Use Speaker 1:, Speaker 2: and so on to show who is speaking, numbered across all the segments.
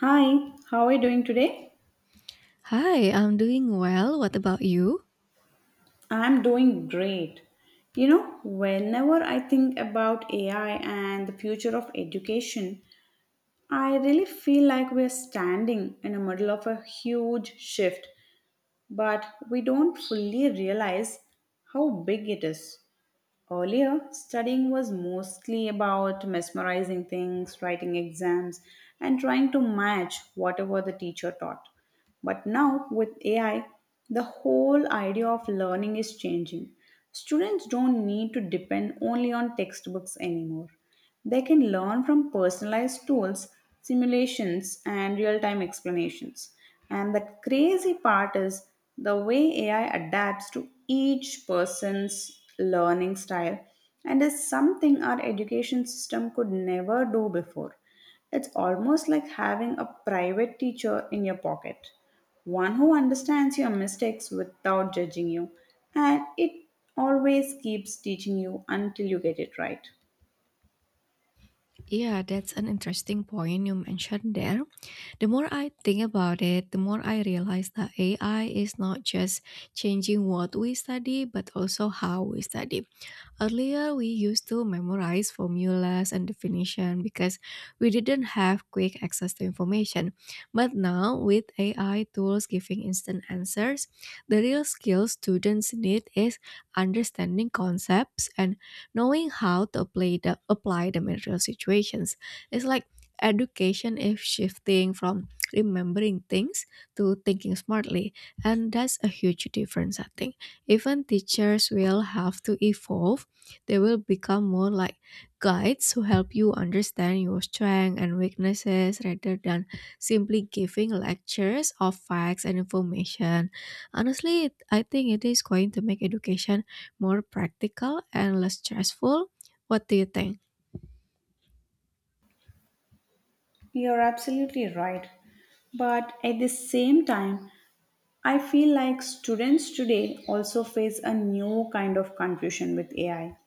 Speaker 1: Hi, how are you doing today?
Speaker 2: Hi, I'm doing well. What about you?
Speaker 1: I'm doing great. You know, whenever I think about AI and the future of education, I really feel like we're standing in the middle of a huge shift, but we don't fully realize how big it is. Earlier, studying was mostly about mesmerizing things, writing exams, and trying to match whatever the teacher taught. But now, with AI, the whole idea of learning is changing. Students don't need to depend only on textbooks anymore. They can learn from personalized tools, simulations, and real time explanations. And the crazy part is the way AI adapts to each person's learning style and is something our education system could never do before. It's almost like having a private teacher in your pocket, one who understands your mistakes without judging you, and it always keeps teaching you until you get it right.
Speaker 2: Yeah, that's an interesting point you mentioned there. The more I think about it, the more I realize that AI is not just changing what we study, but also how we study. Earlier, we used to memorize formulas and definition because we didn't have quick access to information. But now, with AI tools giving instant answers, the real skill students need is understanding concepts and knowing how to apply, apply them in real situations. It's like education is shifting from remembering things to thinking smartly, and that's a huge difference. I think even teachers will have to evolve. They will become more like guides who help you understand your strengths and weaknesses rather than simply giving lectures of facts and information. Honestly, I think it is going to make education more practical and less stressful. What do you think?
Speaker 1: You're absolutely right. But at the same time, I feel like students today also face a new kind of confusion with AI.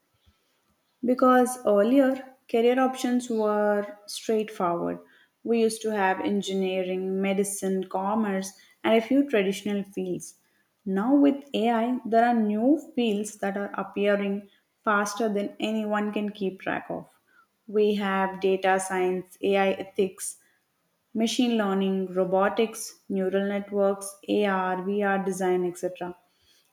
Speaker 1: Because earlier, career options were straightforward. We used to have engineering, medicine, commerce, and a few traditional fields. Now, with AI, there are new fields that are appearing faster than anyone can keep track of. We have data science, AI ethics, machine learning, robotics, neural networks, AR, VR design, etc.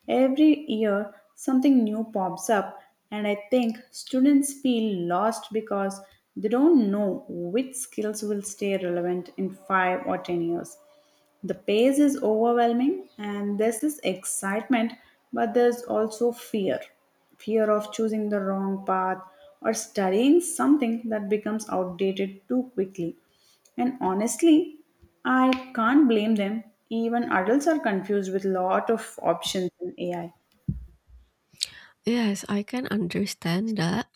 Speaker 1: Every year, something new pops up, and I think students feel lost because they don't know which skills will stay relevant in 5 or 10 years. The pace is overwhelming, and there's this excitement, but there's also fear of choosing the wrong path or studying something that becomes outdated too quickly. And honestly, I can't blame them. Even adults are confused with lot of options in AI.
Speaker 2: Yes, I can understand that.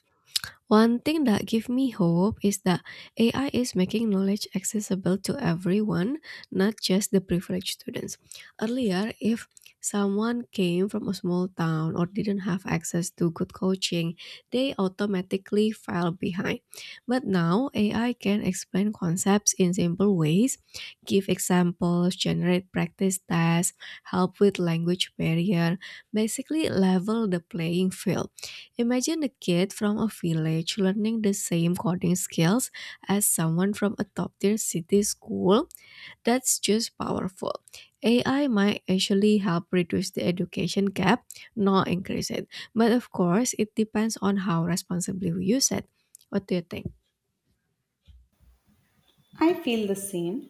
Speaker 2: One thing that gives me hope is that AI is making knowledge accessible to everyone, not just the privileged students. Earlier, if someone came from a small town or didn't have access to good coaching, they automatically fell behind. But now, AI can explain concepts in simple ways, give examples, generate practice tests, help with language barrier, basically level the playing field. Imagine a kid from a village learning the same coding skills as someone from a top tier city school. That's just powerful. AI might actually help reduce the education gap, not increase it. But of course, it depends on how responsibly we use it. What do you think?
Speaker 1: I feel the same.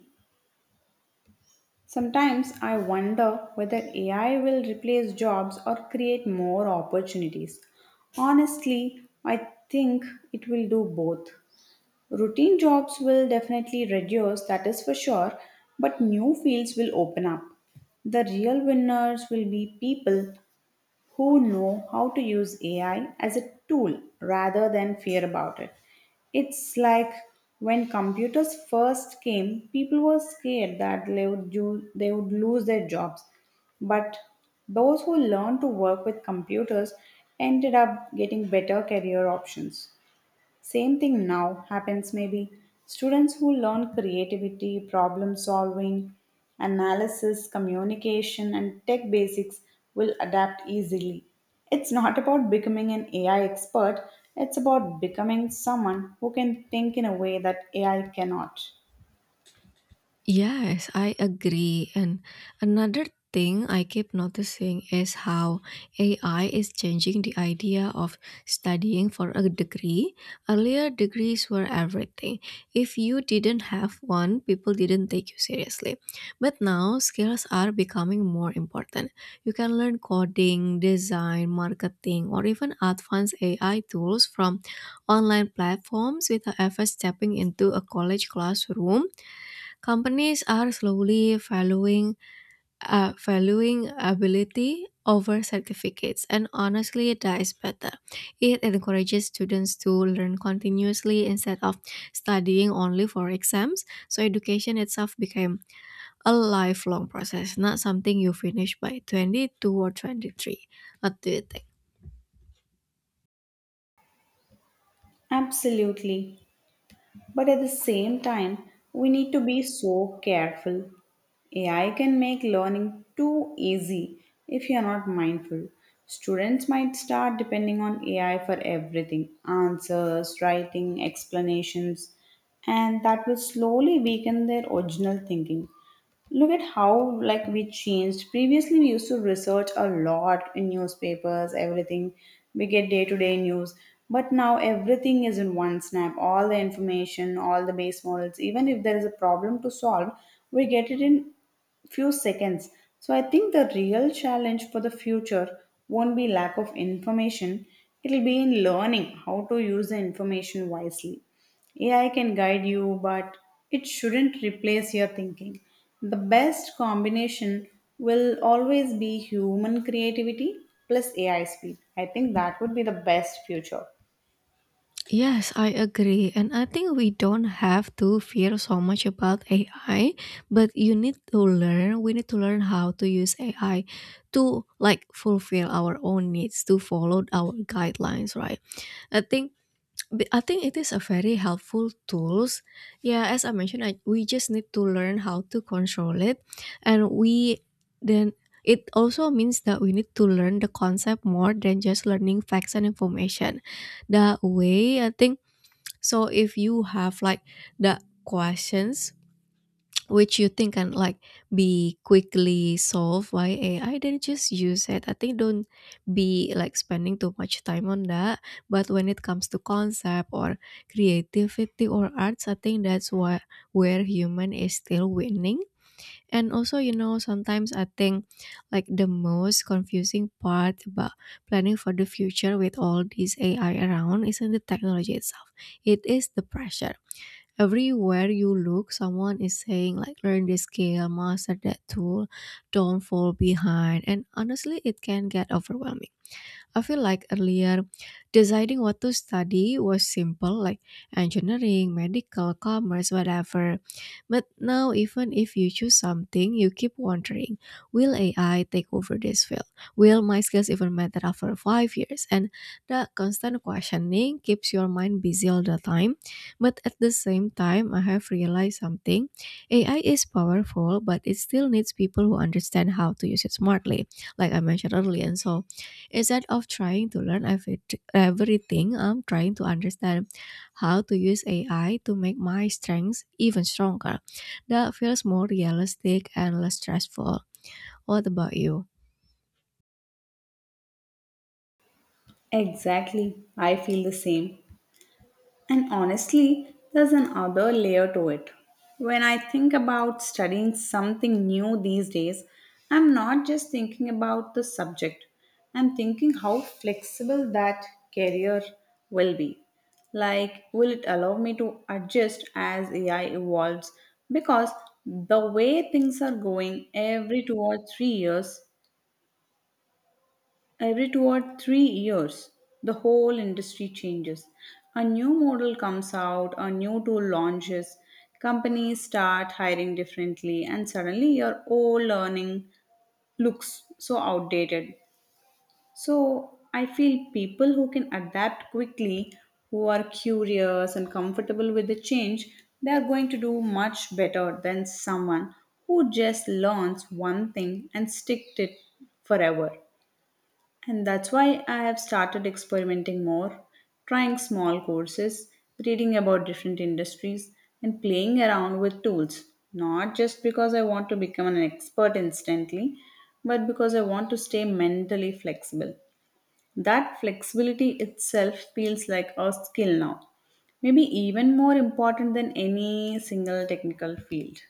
Speaker 1: Sometimes I wonder whether AI will replace jobs or create more opportunities. Honestly, I think it will do both. Routine jobs will definitely reduce, that is for sure, but new fields will open up. The real winners will be people who know how to use AI as a tool rather than fear about it. It's like when computers first came, people were scared that they would lose their jobs. But those who learned to work with computers ended up getting better career options. Same thing now happens maybe. Students who learn creativity, problem solving, analysis, communication, and tech basics will adapt easily. It's not about becoming an AI expert, it's about becoming someone who can think in a way that AI cannot.
Speaker 2: Yes, I agree. And another thing I keep noticing is how AI is changing the idea of studying for a degree. Earlier, degrees were everything. If you didn't have one, people didn't take you seriously. But now, skills are becoming more important. You can learn coding, design, marketing, or even advanced AI tools from online platforms without ever stepping into a college classroom. Companies are slowly valuing ability over certificates, and honestly, that is better. It encourages students to learn continuously instead of studying only for exams. So education itself became a lifelong process, not something you finish by 22 or 23. What do you think?
Speaker 1: Absolutely. But at the same time, we need to be so careful. AI can make learning too easy if you are not mindful. Students might start depending on AI for everything answers, writing, explanations, and that will slowly weaken their original thinking. Look at how, like, we changed previously. We used to research a lot in newspapers, everything. We get day to day news, but now everything is in one snap, all the information, all the base models. Even if there is a problem to solve, we get it in few seconds. So I think the real challenge for the future won't be lack of information, it'll be in learning how to use the information wisely. AI can guide you, but it shouldn't replace your thinking. The best combination will always be human creativity plus AI speed. I think that would be the best future.
Speaker 2: Yes, I agree. And I think we don't have to fear so much about AI, but you need to we need to learn how to use AI to like fulfill our own needs, to follow our guidelines, right? I think I think it is a very helpful tools. Yeah, as I mentioned, we just need to learn how to control it, and we then it also means that we need to learn the concept more than just learning facts and information. That way, I think so if you have like the questions which you think can like be quickly solved by AI, then just use it. I think don't be like spending too much time on that. But when it comes to concept or creativity or arts, I think that's what where human is still winning. And also, sometimes I think like the most confusing part about planning for the future with all these AI around isn't the technology itself. It is the pressure. Everywhere you look, someone is saying like learn this skill, master that tool, don't fall behind. And honestly, it can get overwhelming. I feel like earlier deciding what to study was simple, like engineering, medical, commerce, whatever. But now, even if you choose something, you keep wondering will AI take over this field? Will my skills even matter after 5 years? And the constant questioning keeps your mind busy all the time. But at the same time, I have realized something. AI is powerful, but it still needs people who understand how to use it smartly, like I mentioned earlier. And so instead of trying to learn everything, I'm trying to understand how to use AI to make my strengths even stronger. That feels more realistic and less stressful. What about you?
Speaker 1: Exactly. I feel the same. And honestly, there's another layer to it. When I think about studying something new these days, I'm not just thinking about the subject, I'm thinking how flexible that career will be. Like, will it allow me to adjust as AI evolves? Because the way things are going, every 2 or 3 years, the whole industry changes. A new model comes out, a new tool launches, companies start hiring differently, and suddenly your old learning looks so outdated. So, I feel people who can adapt quickly, who are curious and comfortable with the change, they are going to do much better than someone who just learns one thing and sticks it forever. And that's why I have started experimenting more, trying small courses, reading about different industries, and playing around with tools. Not just because I want to become an expert instantly, but because I want to stay mentally flexible. That flexibility itself feels like a skill now, maybe even more important than any single technical field.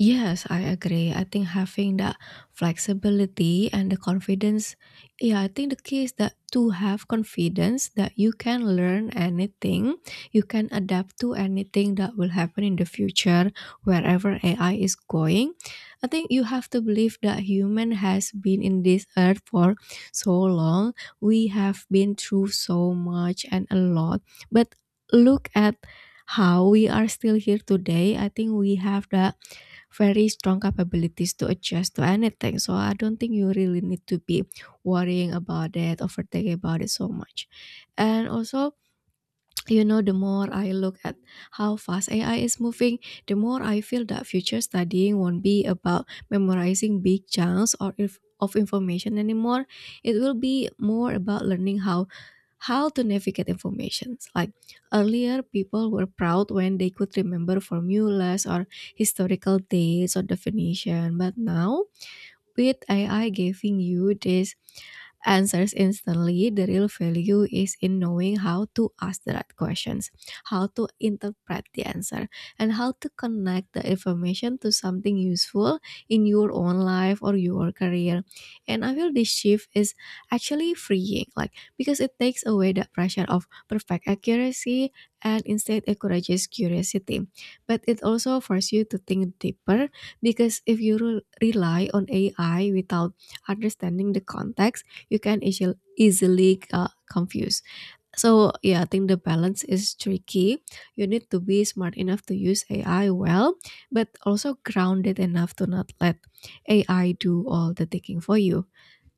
Speaker 2: Yes, I agree. I think having that flexibility and the confidence, yeah, I think the key is that to have confidence that you can learn anything, you can adapt to anything that will happen in the future, wherever AI is going. I think you have to believe that human has been in this earth for so long. We have been through so much and a lot. But look at how we are still here today. I think we have the very strong capabilities to adjust to anything. So I don't think you really need to be worrying about it, overthinking about it so much. And also, you know, the more I look at how fast AI is moving, the more I feel that future studying won't be about memorizing big chunks or if of information anymore. It will be more about learning how to navigate informations. Like earlier, people were proud when they could remember formulas or historical dates or definition, but now with AI giving you these answers instantly, the real value is in knowing how to ask the right questions, how to interpret the answer, and how to connect the information to something useful in your own life or your career. And I feel this shift is actually freeing, like because it takes away the pressure of perfect accuracy and instead encourages curiosity. But it also forces you to think deeper because if you rely on AI without understanding the context, you can easily confuse. So yeah, I think the balance is tricky. You need to be smart enough to use AI well, but also grounded enough to not let AI do all the thinking for you.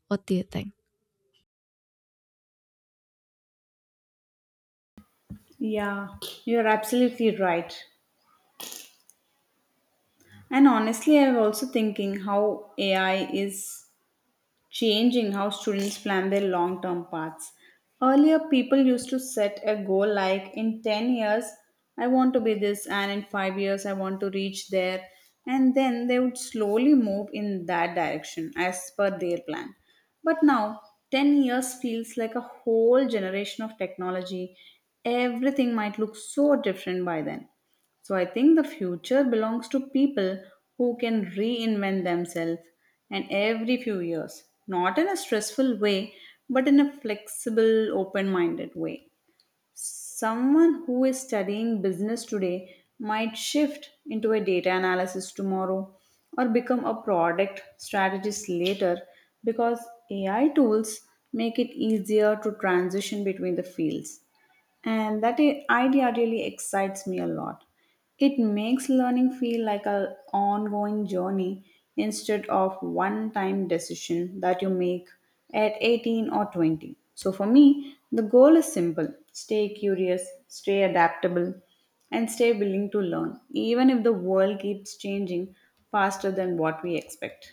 Speaker 2: What do you think?
Speaker 1: Yeah, you're absolutely right. And honestly, I'm also thinking how AI is changing how students plan their long term paths. Earlier, people used to set a goal like in 10 years, I want to be this, and in 5 years, I want to reach there. And then they would slowly move in that direction as per their plan. But now, 10 years feels like a whole generation of technology. Everything might look so different by then. So I think the future belongs to people who can reinvent themselves and every few years, not in a stressful way, but in a flexible, open minded way. Someone who is studying business today might shift into a data analysis tomorrow or become a product strategist later because AI tools make it easier to transition between the fields, and that idea really excites me a lot. It makes learning feel like an ongoing journey instead of one time decision that you make at 18 or 20. So for me, the goal is simple: stay curious, stay adaptable, and stay willing to learn, even if the world keeps changing faster than what we expect.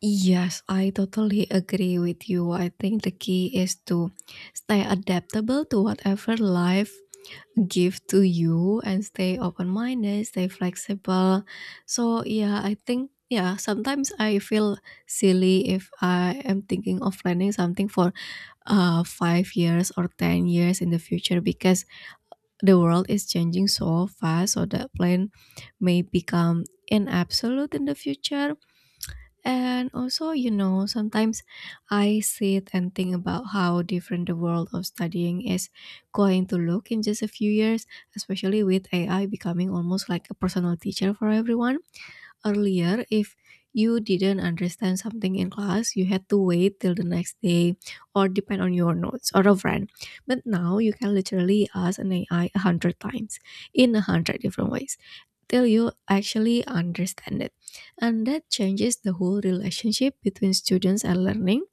Speaker 2: Yes, I totally agree with you. I think the key is to stay adaptable to whatever life give to you and stay open minded, stay flexible. So yeah, I think yeah, sometimes I feel silly if I am thinking of planning something for 5 years or 10 years in the future because the world is changing so fast so that plan may become an absolute in the future. And also, you know, sometimes I sit and think about how different the world of studying is going to look in just a few years, especially with AI becoming almost like a personal teacher for everyone. Earlier, if you didn't understand something in class, you had to wait till the next day or depend on your notes or a friend. But now you can literally ask an AI a hundred times in a hundred different ways till you actually understand it. And that changes the whole relationship between students and learning.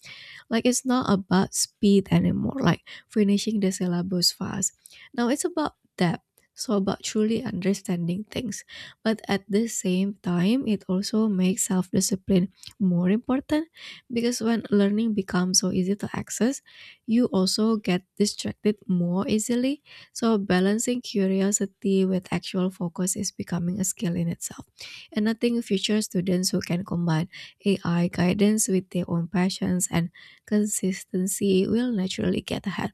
Speaker 2: Like it's not about speed anymore, like finishing the syllabus fast. Now it's about depth. So about truly understanding things. But at the same time, it also makes self-discipline more important because when learning becomes so easy to access, you also get distracted more easily. So balancing curiosity with actual focus is becoming a skill in itself. And I think future students who can combine AI guidance with their own passions and consistency will naturally get ahead.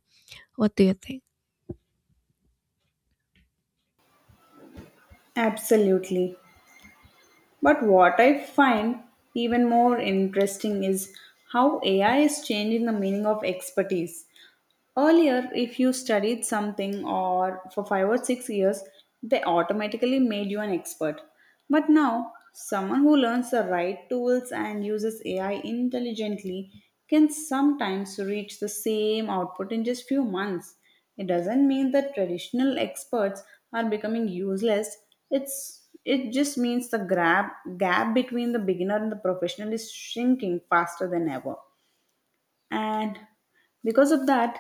Speaker 2: What do you think?
Speaker 1: Absolutely. But what I find even more interesting is how AI is changing the meaning of expertise. Earlier, if you studied something or for 5 or 6 years, they automatically made you an expert. But now, someone who learns the right tools and uses AI intelligently can sometimes reach the same output in just few months. It doesn't mean that traditional experts are becoming useless. It's, it just means the gap between the beginner and the professional is shrinking faster than ever. And because of that,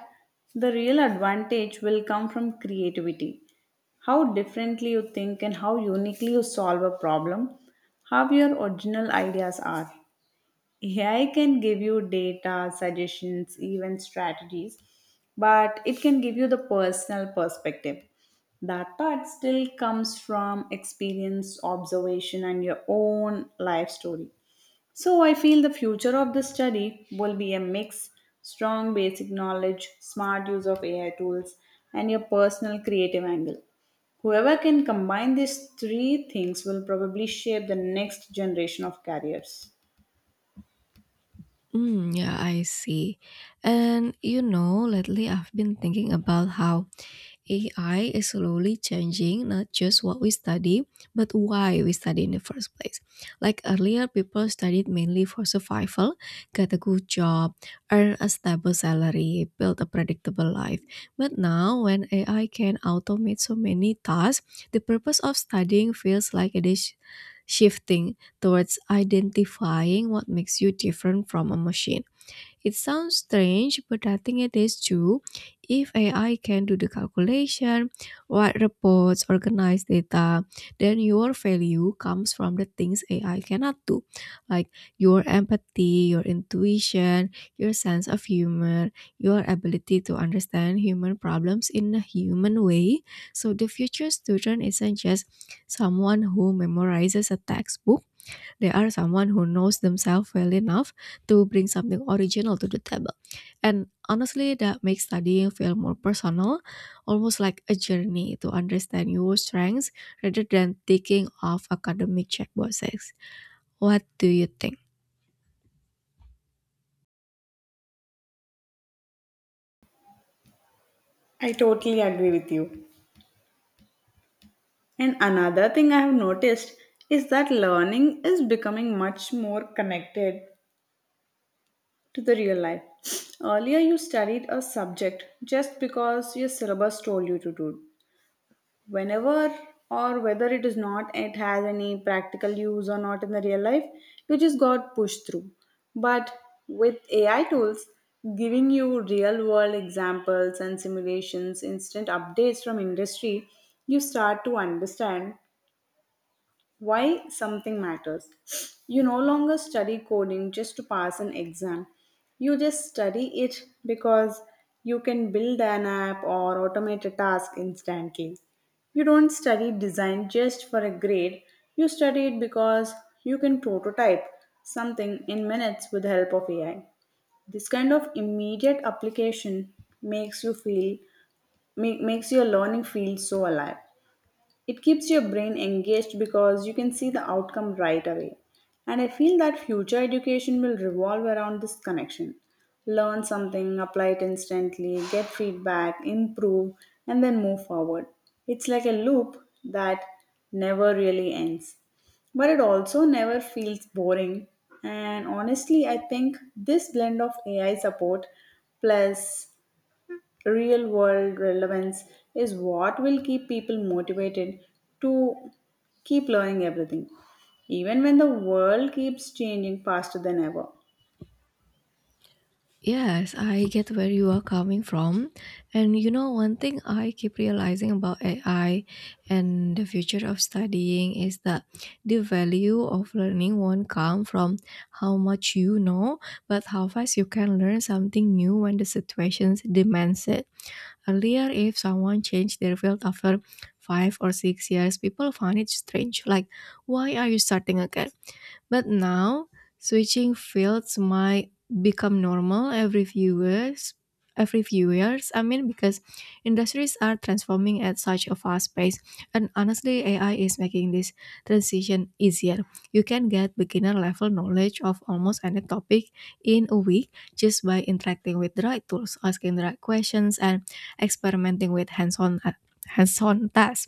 Speaker 1: the real advantage will come from creativity, how differently you think and how uniquely you solve a problem, how your original ideas are. AI can give you data, suggestions, even strategies, but it can give you the personal perspective. That part still comes from experience, observation, and your own life story. So I feel the future of the study will be a mix: strong basic knowledge, smart use of AI tools, and your personal creative angle. Whoever can combine these three things will probably shape the next generation of careers.
Speaker 2: Mm, yeah, I see. And you know, lately I've been thinking about how AI is slowly changing not just what we study, but why we study in the first place. Like earlier, people studied mainly for survival, get a good job, earn a stable salary, build a predictable life. But now, when AI can automate so many tasks, the purpose of studying feels like it is shifting towards identifying what makes you different from a machine. It sounds strange, but I think it is true. If AI can do the calculation, write reports, organize data, then your value comes from the things AI cannot do, like your empathy, your intuition, your sense of humor, your ability to understand human problems in a human way. So the future student isn't just someone who memorizes a textbook. They are someone who knows themselves well enough to bring something original to the table. And honestly, that makes studying feel more personal, almost like a journey to understand your strengths rather than taking off academic checkboxes. What do you think?
Speaker 1: I totally agree with you. And another thing I have noticed is that learning is becoming much more connected to the real life. Earlier, you studied a subject just because your syllabus told you to do, whenever, or whether it is not, it has any practical use or not in the real life, you just got pushed through. But with AI tools giving you real world examples and simulations, instant updates from industry, you start to understand why something matters. You no longer study coding just to pass an exam. You just study it because you can build an app or automate a task instantly. You don't study design just for a grade. You study it because you can prototype something in minutes with the help of AI. This kind of immediate application makes you feel, makes your learning feel so alive. It keeps your brain engaged because you can see the outcome right away. And I feel that future education will revolve around this connection. Learn something, apply it instantly, get feedback, improve, and then move forward. It's like a loop that never really ends. But it also never feels boring. And honestly, I think this blend of AI support plus real world relevance is what will keep people motivated to keep learning everything, even when the world keeps changing faster than ever.
Speaker 2: Yes, I get where you are coming from. And you know, one thing I keep realizing about AI and the future of studying is that the value of learning won't come from how much you know, but how fast you can learn something new when the situation demands it. Earlier, if someone changed their field after 5 or 6 years, people found it strange. Like, why are you starting again? But now, switching fields might become normal every few years. I mean, because industries are transforming at such a fast pace, and honestly, AI is making this transition easier. You can get beginner level knowledge of almost any topic in a week just by interacting with the right tools, asking the right questions, and experimenting with hands on tasks.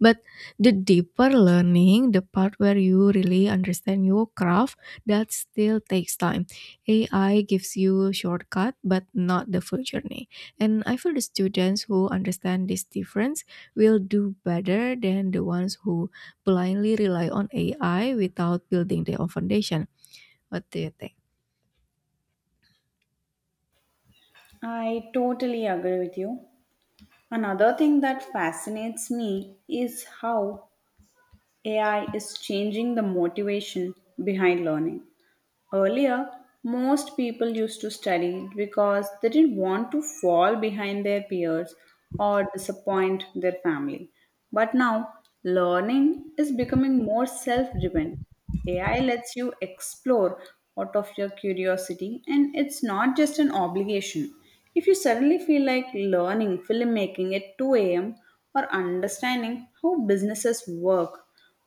Speaker 2: But the deeper learning, the part where you really understand your craft, that still takes time. AI gives you a shortcut, but not the full journey. And I feel the students who understand this difference will do better than the ones who blindly rely on AI without building their own foundation. What do you think?
Speaker 1: I totally agree with you. Another thing that fascinates me is how AI is changing the motivation behind learning. Earlier, most people used to study because they didn't want to fall behind their peers or disappoint their family. But now, learning is becoming more self driven. AI lets you explore out of your curiosity, and it's not just an obligation. If you suddenly feel like learning filmmaking at 2 a.m. or understanding how businesses work,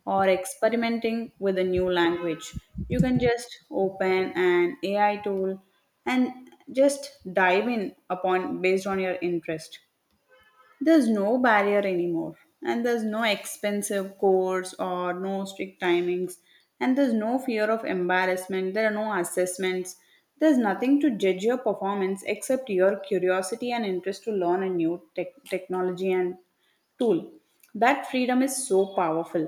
Speaker 1: or experimenting with a new language, you can just open an AI tool and just dive in upon based on your interest. There's no barrier anymore, and there's no expensive course or no strict timings, and there's no fear of embarrassment. There are no assessments. There's nothing to judge your performance except your curiosity and interest to learn a new technology and tool. That freedom is so powerful.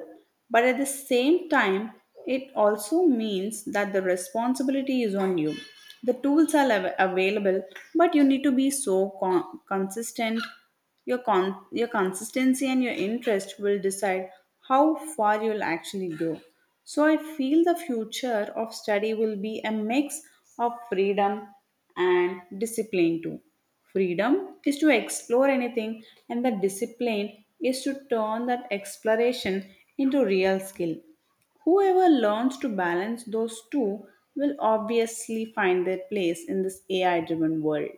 Speaker 1: But at the same time, it also means that the responsibility is on you. The tools are available, but you need to be so consistent. Your consistency and your interest will decide how far you'll actually go. So I feel the future of study will be a mix of freedom and discipline too. Freedom is to explore anything, and the discipline is to turn that exploration into real skill. Whoever learns to balance those two will obviously find their place in this AI driven world.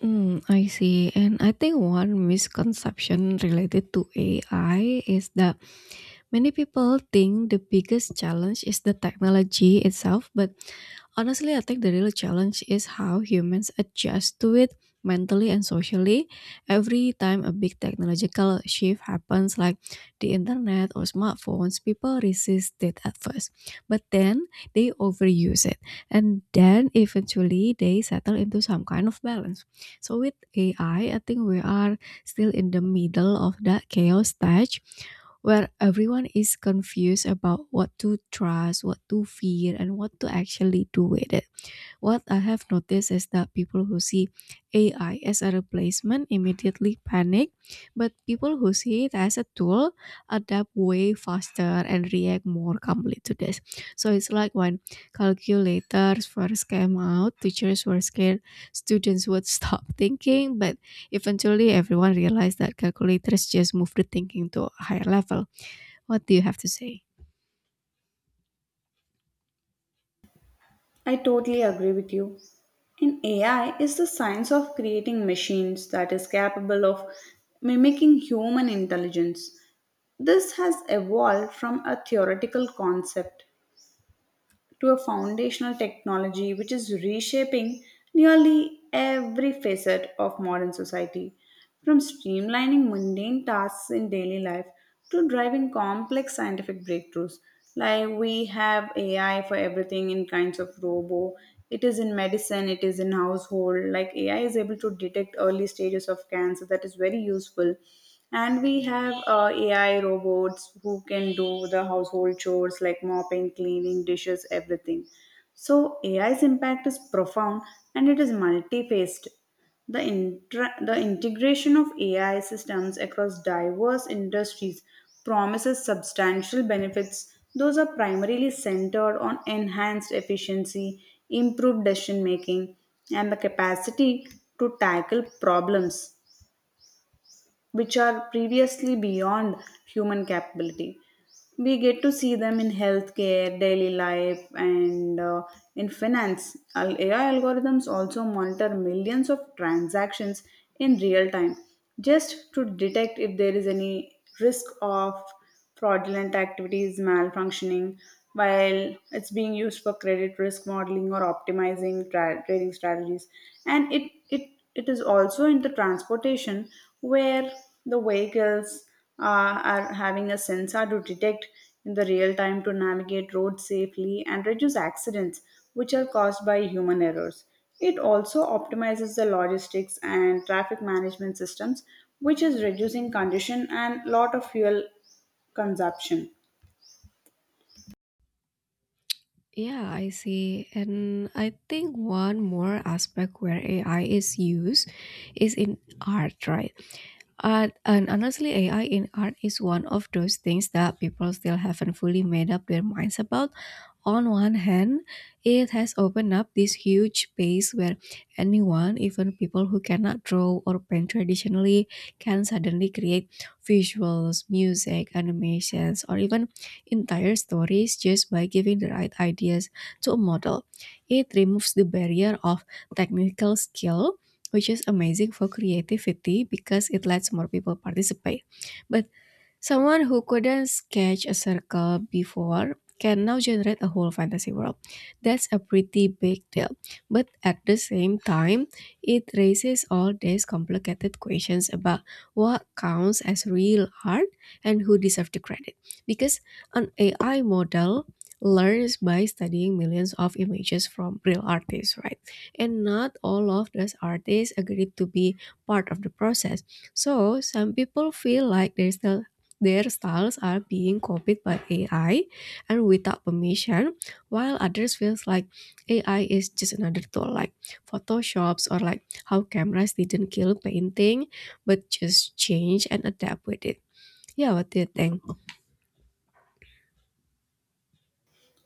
Speaker 2: Hmm, I see. And I think one misconception related to AI is that many people think the biggest challenge is the technology itself, but honestly, I think the real challenge is how humans adjust to it mentally and socially. Every time a big technological shift happens, like the internet or smartphones, people resist it at first, but then they overuse it, and then eventually they settle into some kind of balance. So, with AI, I think we are still in the middle of that chaos stage where everyone is confused about what to trust, what to fear, and what to actually do with it. What I have noticed is that people who see AI as a replacement immediately panic, but people who see it as a tool adapt way faster and react more calmly to this. So it's like when calculators first came out, teachers were scared, students would stop thinking, but eventually everyone realized that calculators just move the thinking to a higher level. What do you have to say?
Speaker 1: I totally agree with you. And AI is the science of creating machines that is capable of mimicking human intelligence. This has evolved from a theoretical concept to a foundational technology which is reshaping nearly every facet of modern society, from streamlining mundane tasks in daily life to driving complex scientific breakthroughs. Like we have AI for everything in kinds of robo. It is in medicine, it is in household. Like AI is able to detect early stages of cancer, that is very useful, and we have AI robots who can do the household chores like mopping, cleaning, dishes, everything. So AI's impact is profound and it is multi-faced. The integration of AI systems across diverse industries promises substantial benefits. Those are primarily centered on enhanced efficiency, improved decision making, and the capacity to tackle problems which are previously beyond human capability. We get to see them in healthcare, daily life, and in finance. AI algorithms also monitor millions of transactions in real time just to detect if there is any risk of fraudulent activities, malfunctioning, while it's being used for credit risk modeling or optimizing trading strategies. And it is also in the transportation where the vehicles are having a sensor to detect in the real time to navigate roads safely and reduce accidents which are caused by human errors. It also optimizes the logistics and traffic management systems, which is reducing congestion and lot of fuel consumption.
Speaker 2: Yeah, I see. And I think one more aspect where AI is used is in art, right? Art, and honestly, AI in art is one of those things that people still haven't fully made up their minds about. On one hand, it has opened up this huge space where anyone, even people who cannot draw or paint traditionally, can suddenly create visuals, music, animations, or even entire stories just by giving the right ideas to a model. It removes the barrier of technical skill, which is amazing for creativity because it lets more people participate. But someone who couldn't sketch a circle before can now generate a whole fantasy world. That's a pretty big deal. But at the same time, it raises all these complicated questions about what counts as real art and who deserves the credit. Because an AI model learns by studying millions of images from real artists, right? And not all of those artists agreed to be part of the process. So some people feel like they still their styles are being copied by AI and without permission, while others feels like AI is just another tool like Photoshops, or like how cameras didn't kill painting but just change and adapt with it. Yeah, what do you think?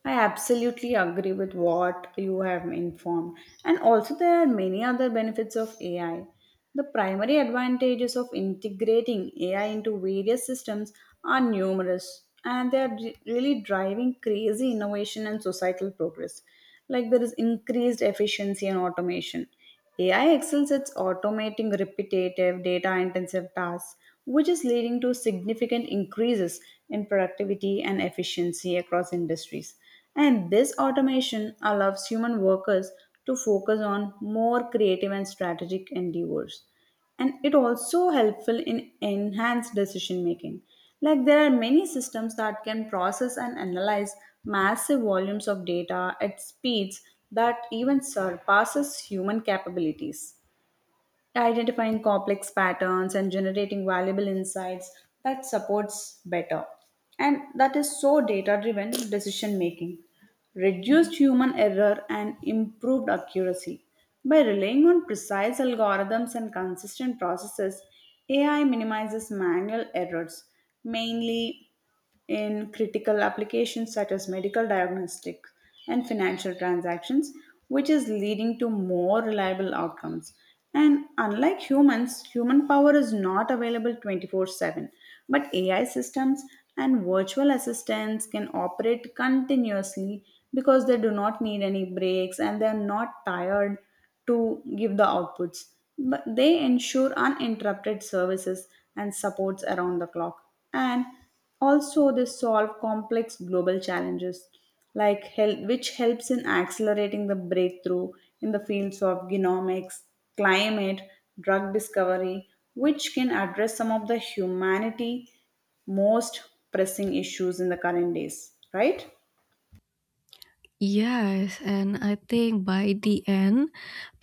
Speaker 1: I absolutely agree with what you have informed. And also, there are many other benefits of AI. The primary advantages of integrating AI into various systems are numerous, and they are really driving crazy innovation and societal progress. Like, there is increased efficiency and automation. AI excels at automating repetitive, data intensive tasks which is leading to significant increases in productivity and efficiency across industries. And this automation allows human workers to focus on more creative and strategic endeavors. And it also helpful in enhanced decision making. Like there are many systems that can process and analyze massive volumes of data at speeds that even surpasses human capabilities, identifying complex patterns and generating valuable insights that supports better, and that is so data driven decision making, reduced human error and improved accuracy. By relying on precise algorithms and consistent processes, ai minimizes manual errors mainly in critical applications such as medical diagnostics and financial transactions, which is leading to more reliable outcomes. And unlike humans, human power is not available 24/7, but AI systems and virtual assistants can operate continuously because they do not need any breaks and they are not tired to give the outputs. But they ensure uninterrupted services and supports around the clock. And also, they solve complex global challenges, like which helps in accelerating the breakthrough in the fields of genomics, climate, drug discovery, which can address some of the humanity most pressing issues in the current days, right?
Speaker 2: Yes, and I think by the end,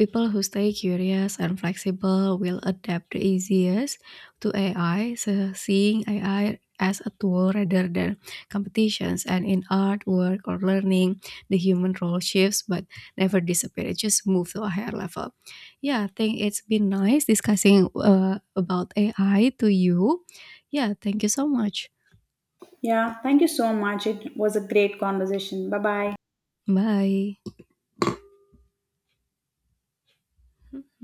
Speaker 2: people who stay curious and flexible will adapt the easiest to AI, so seeing AI as a tool rather than competitions. And in art, work, or learning, the human role shifts but never disappear. It just moves to a higher level. Yeah, I think it's been nice discussing about AI to you. Yeah, thank you so much.
Speaker 1: Yeah, thank you so much. It was a great conversation. Bye bye.
Speaker 2: Bye.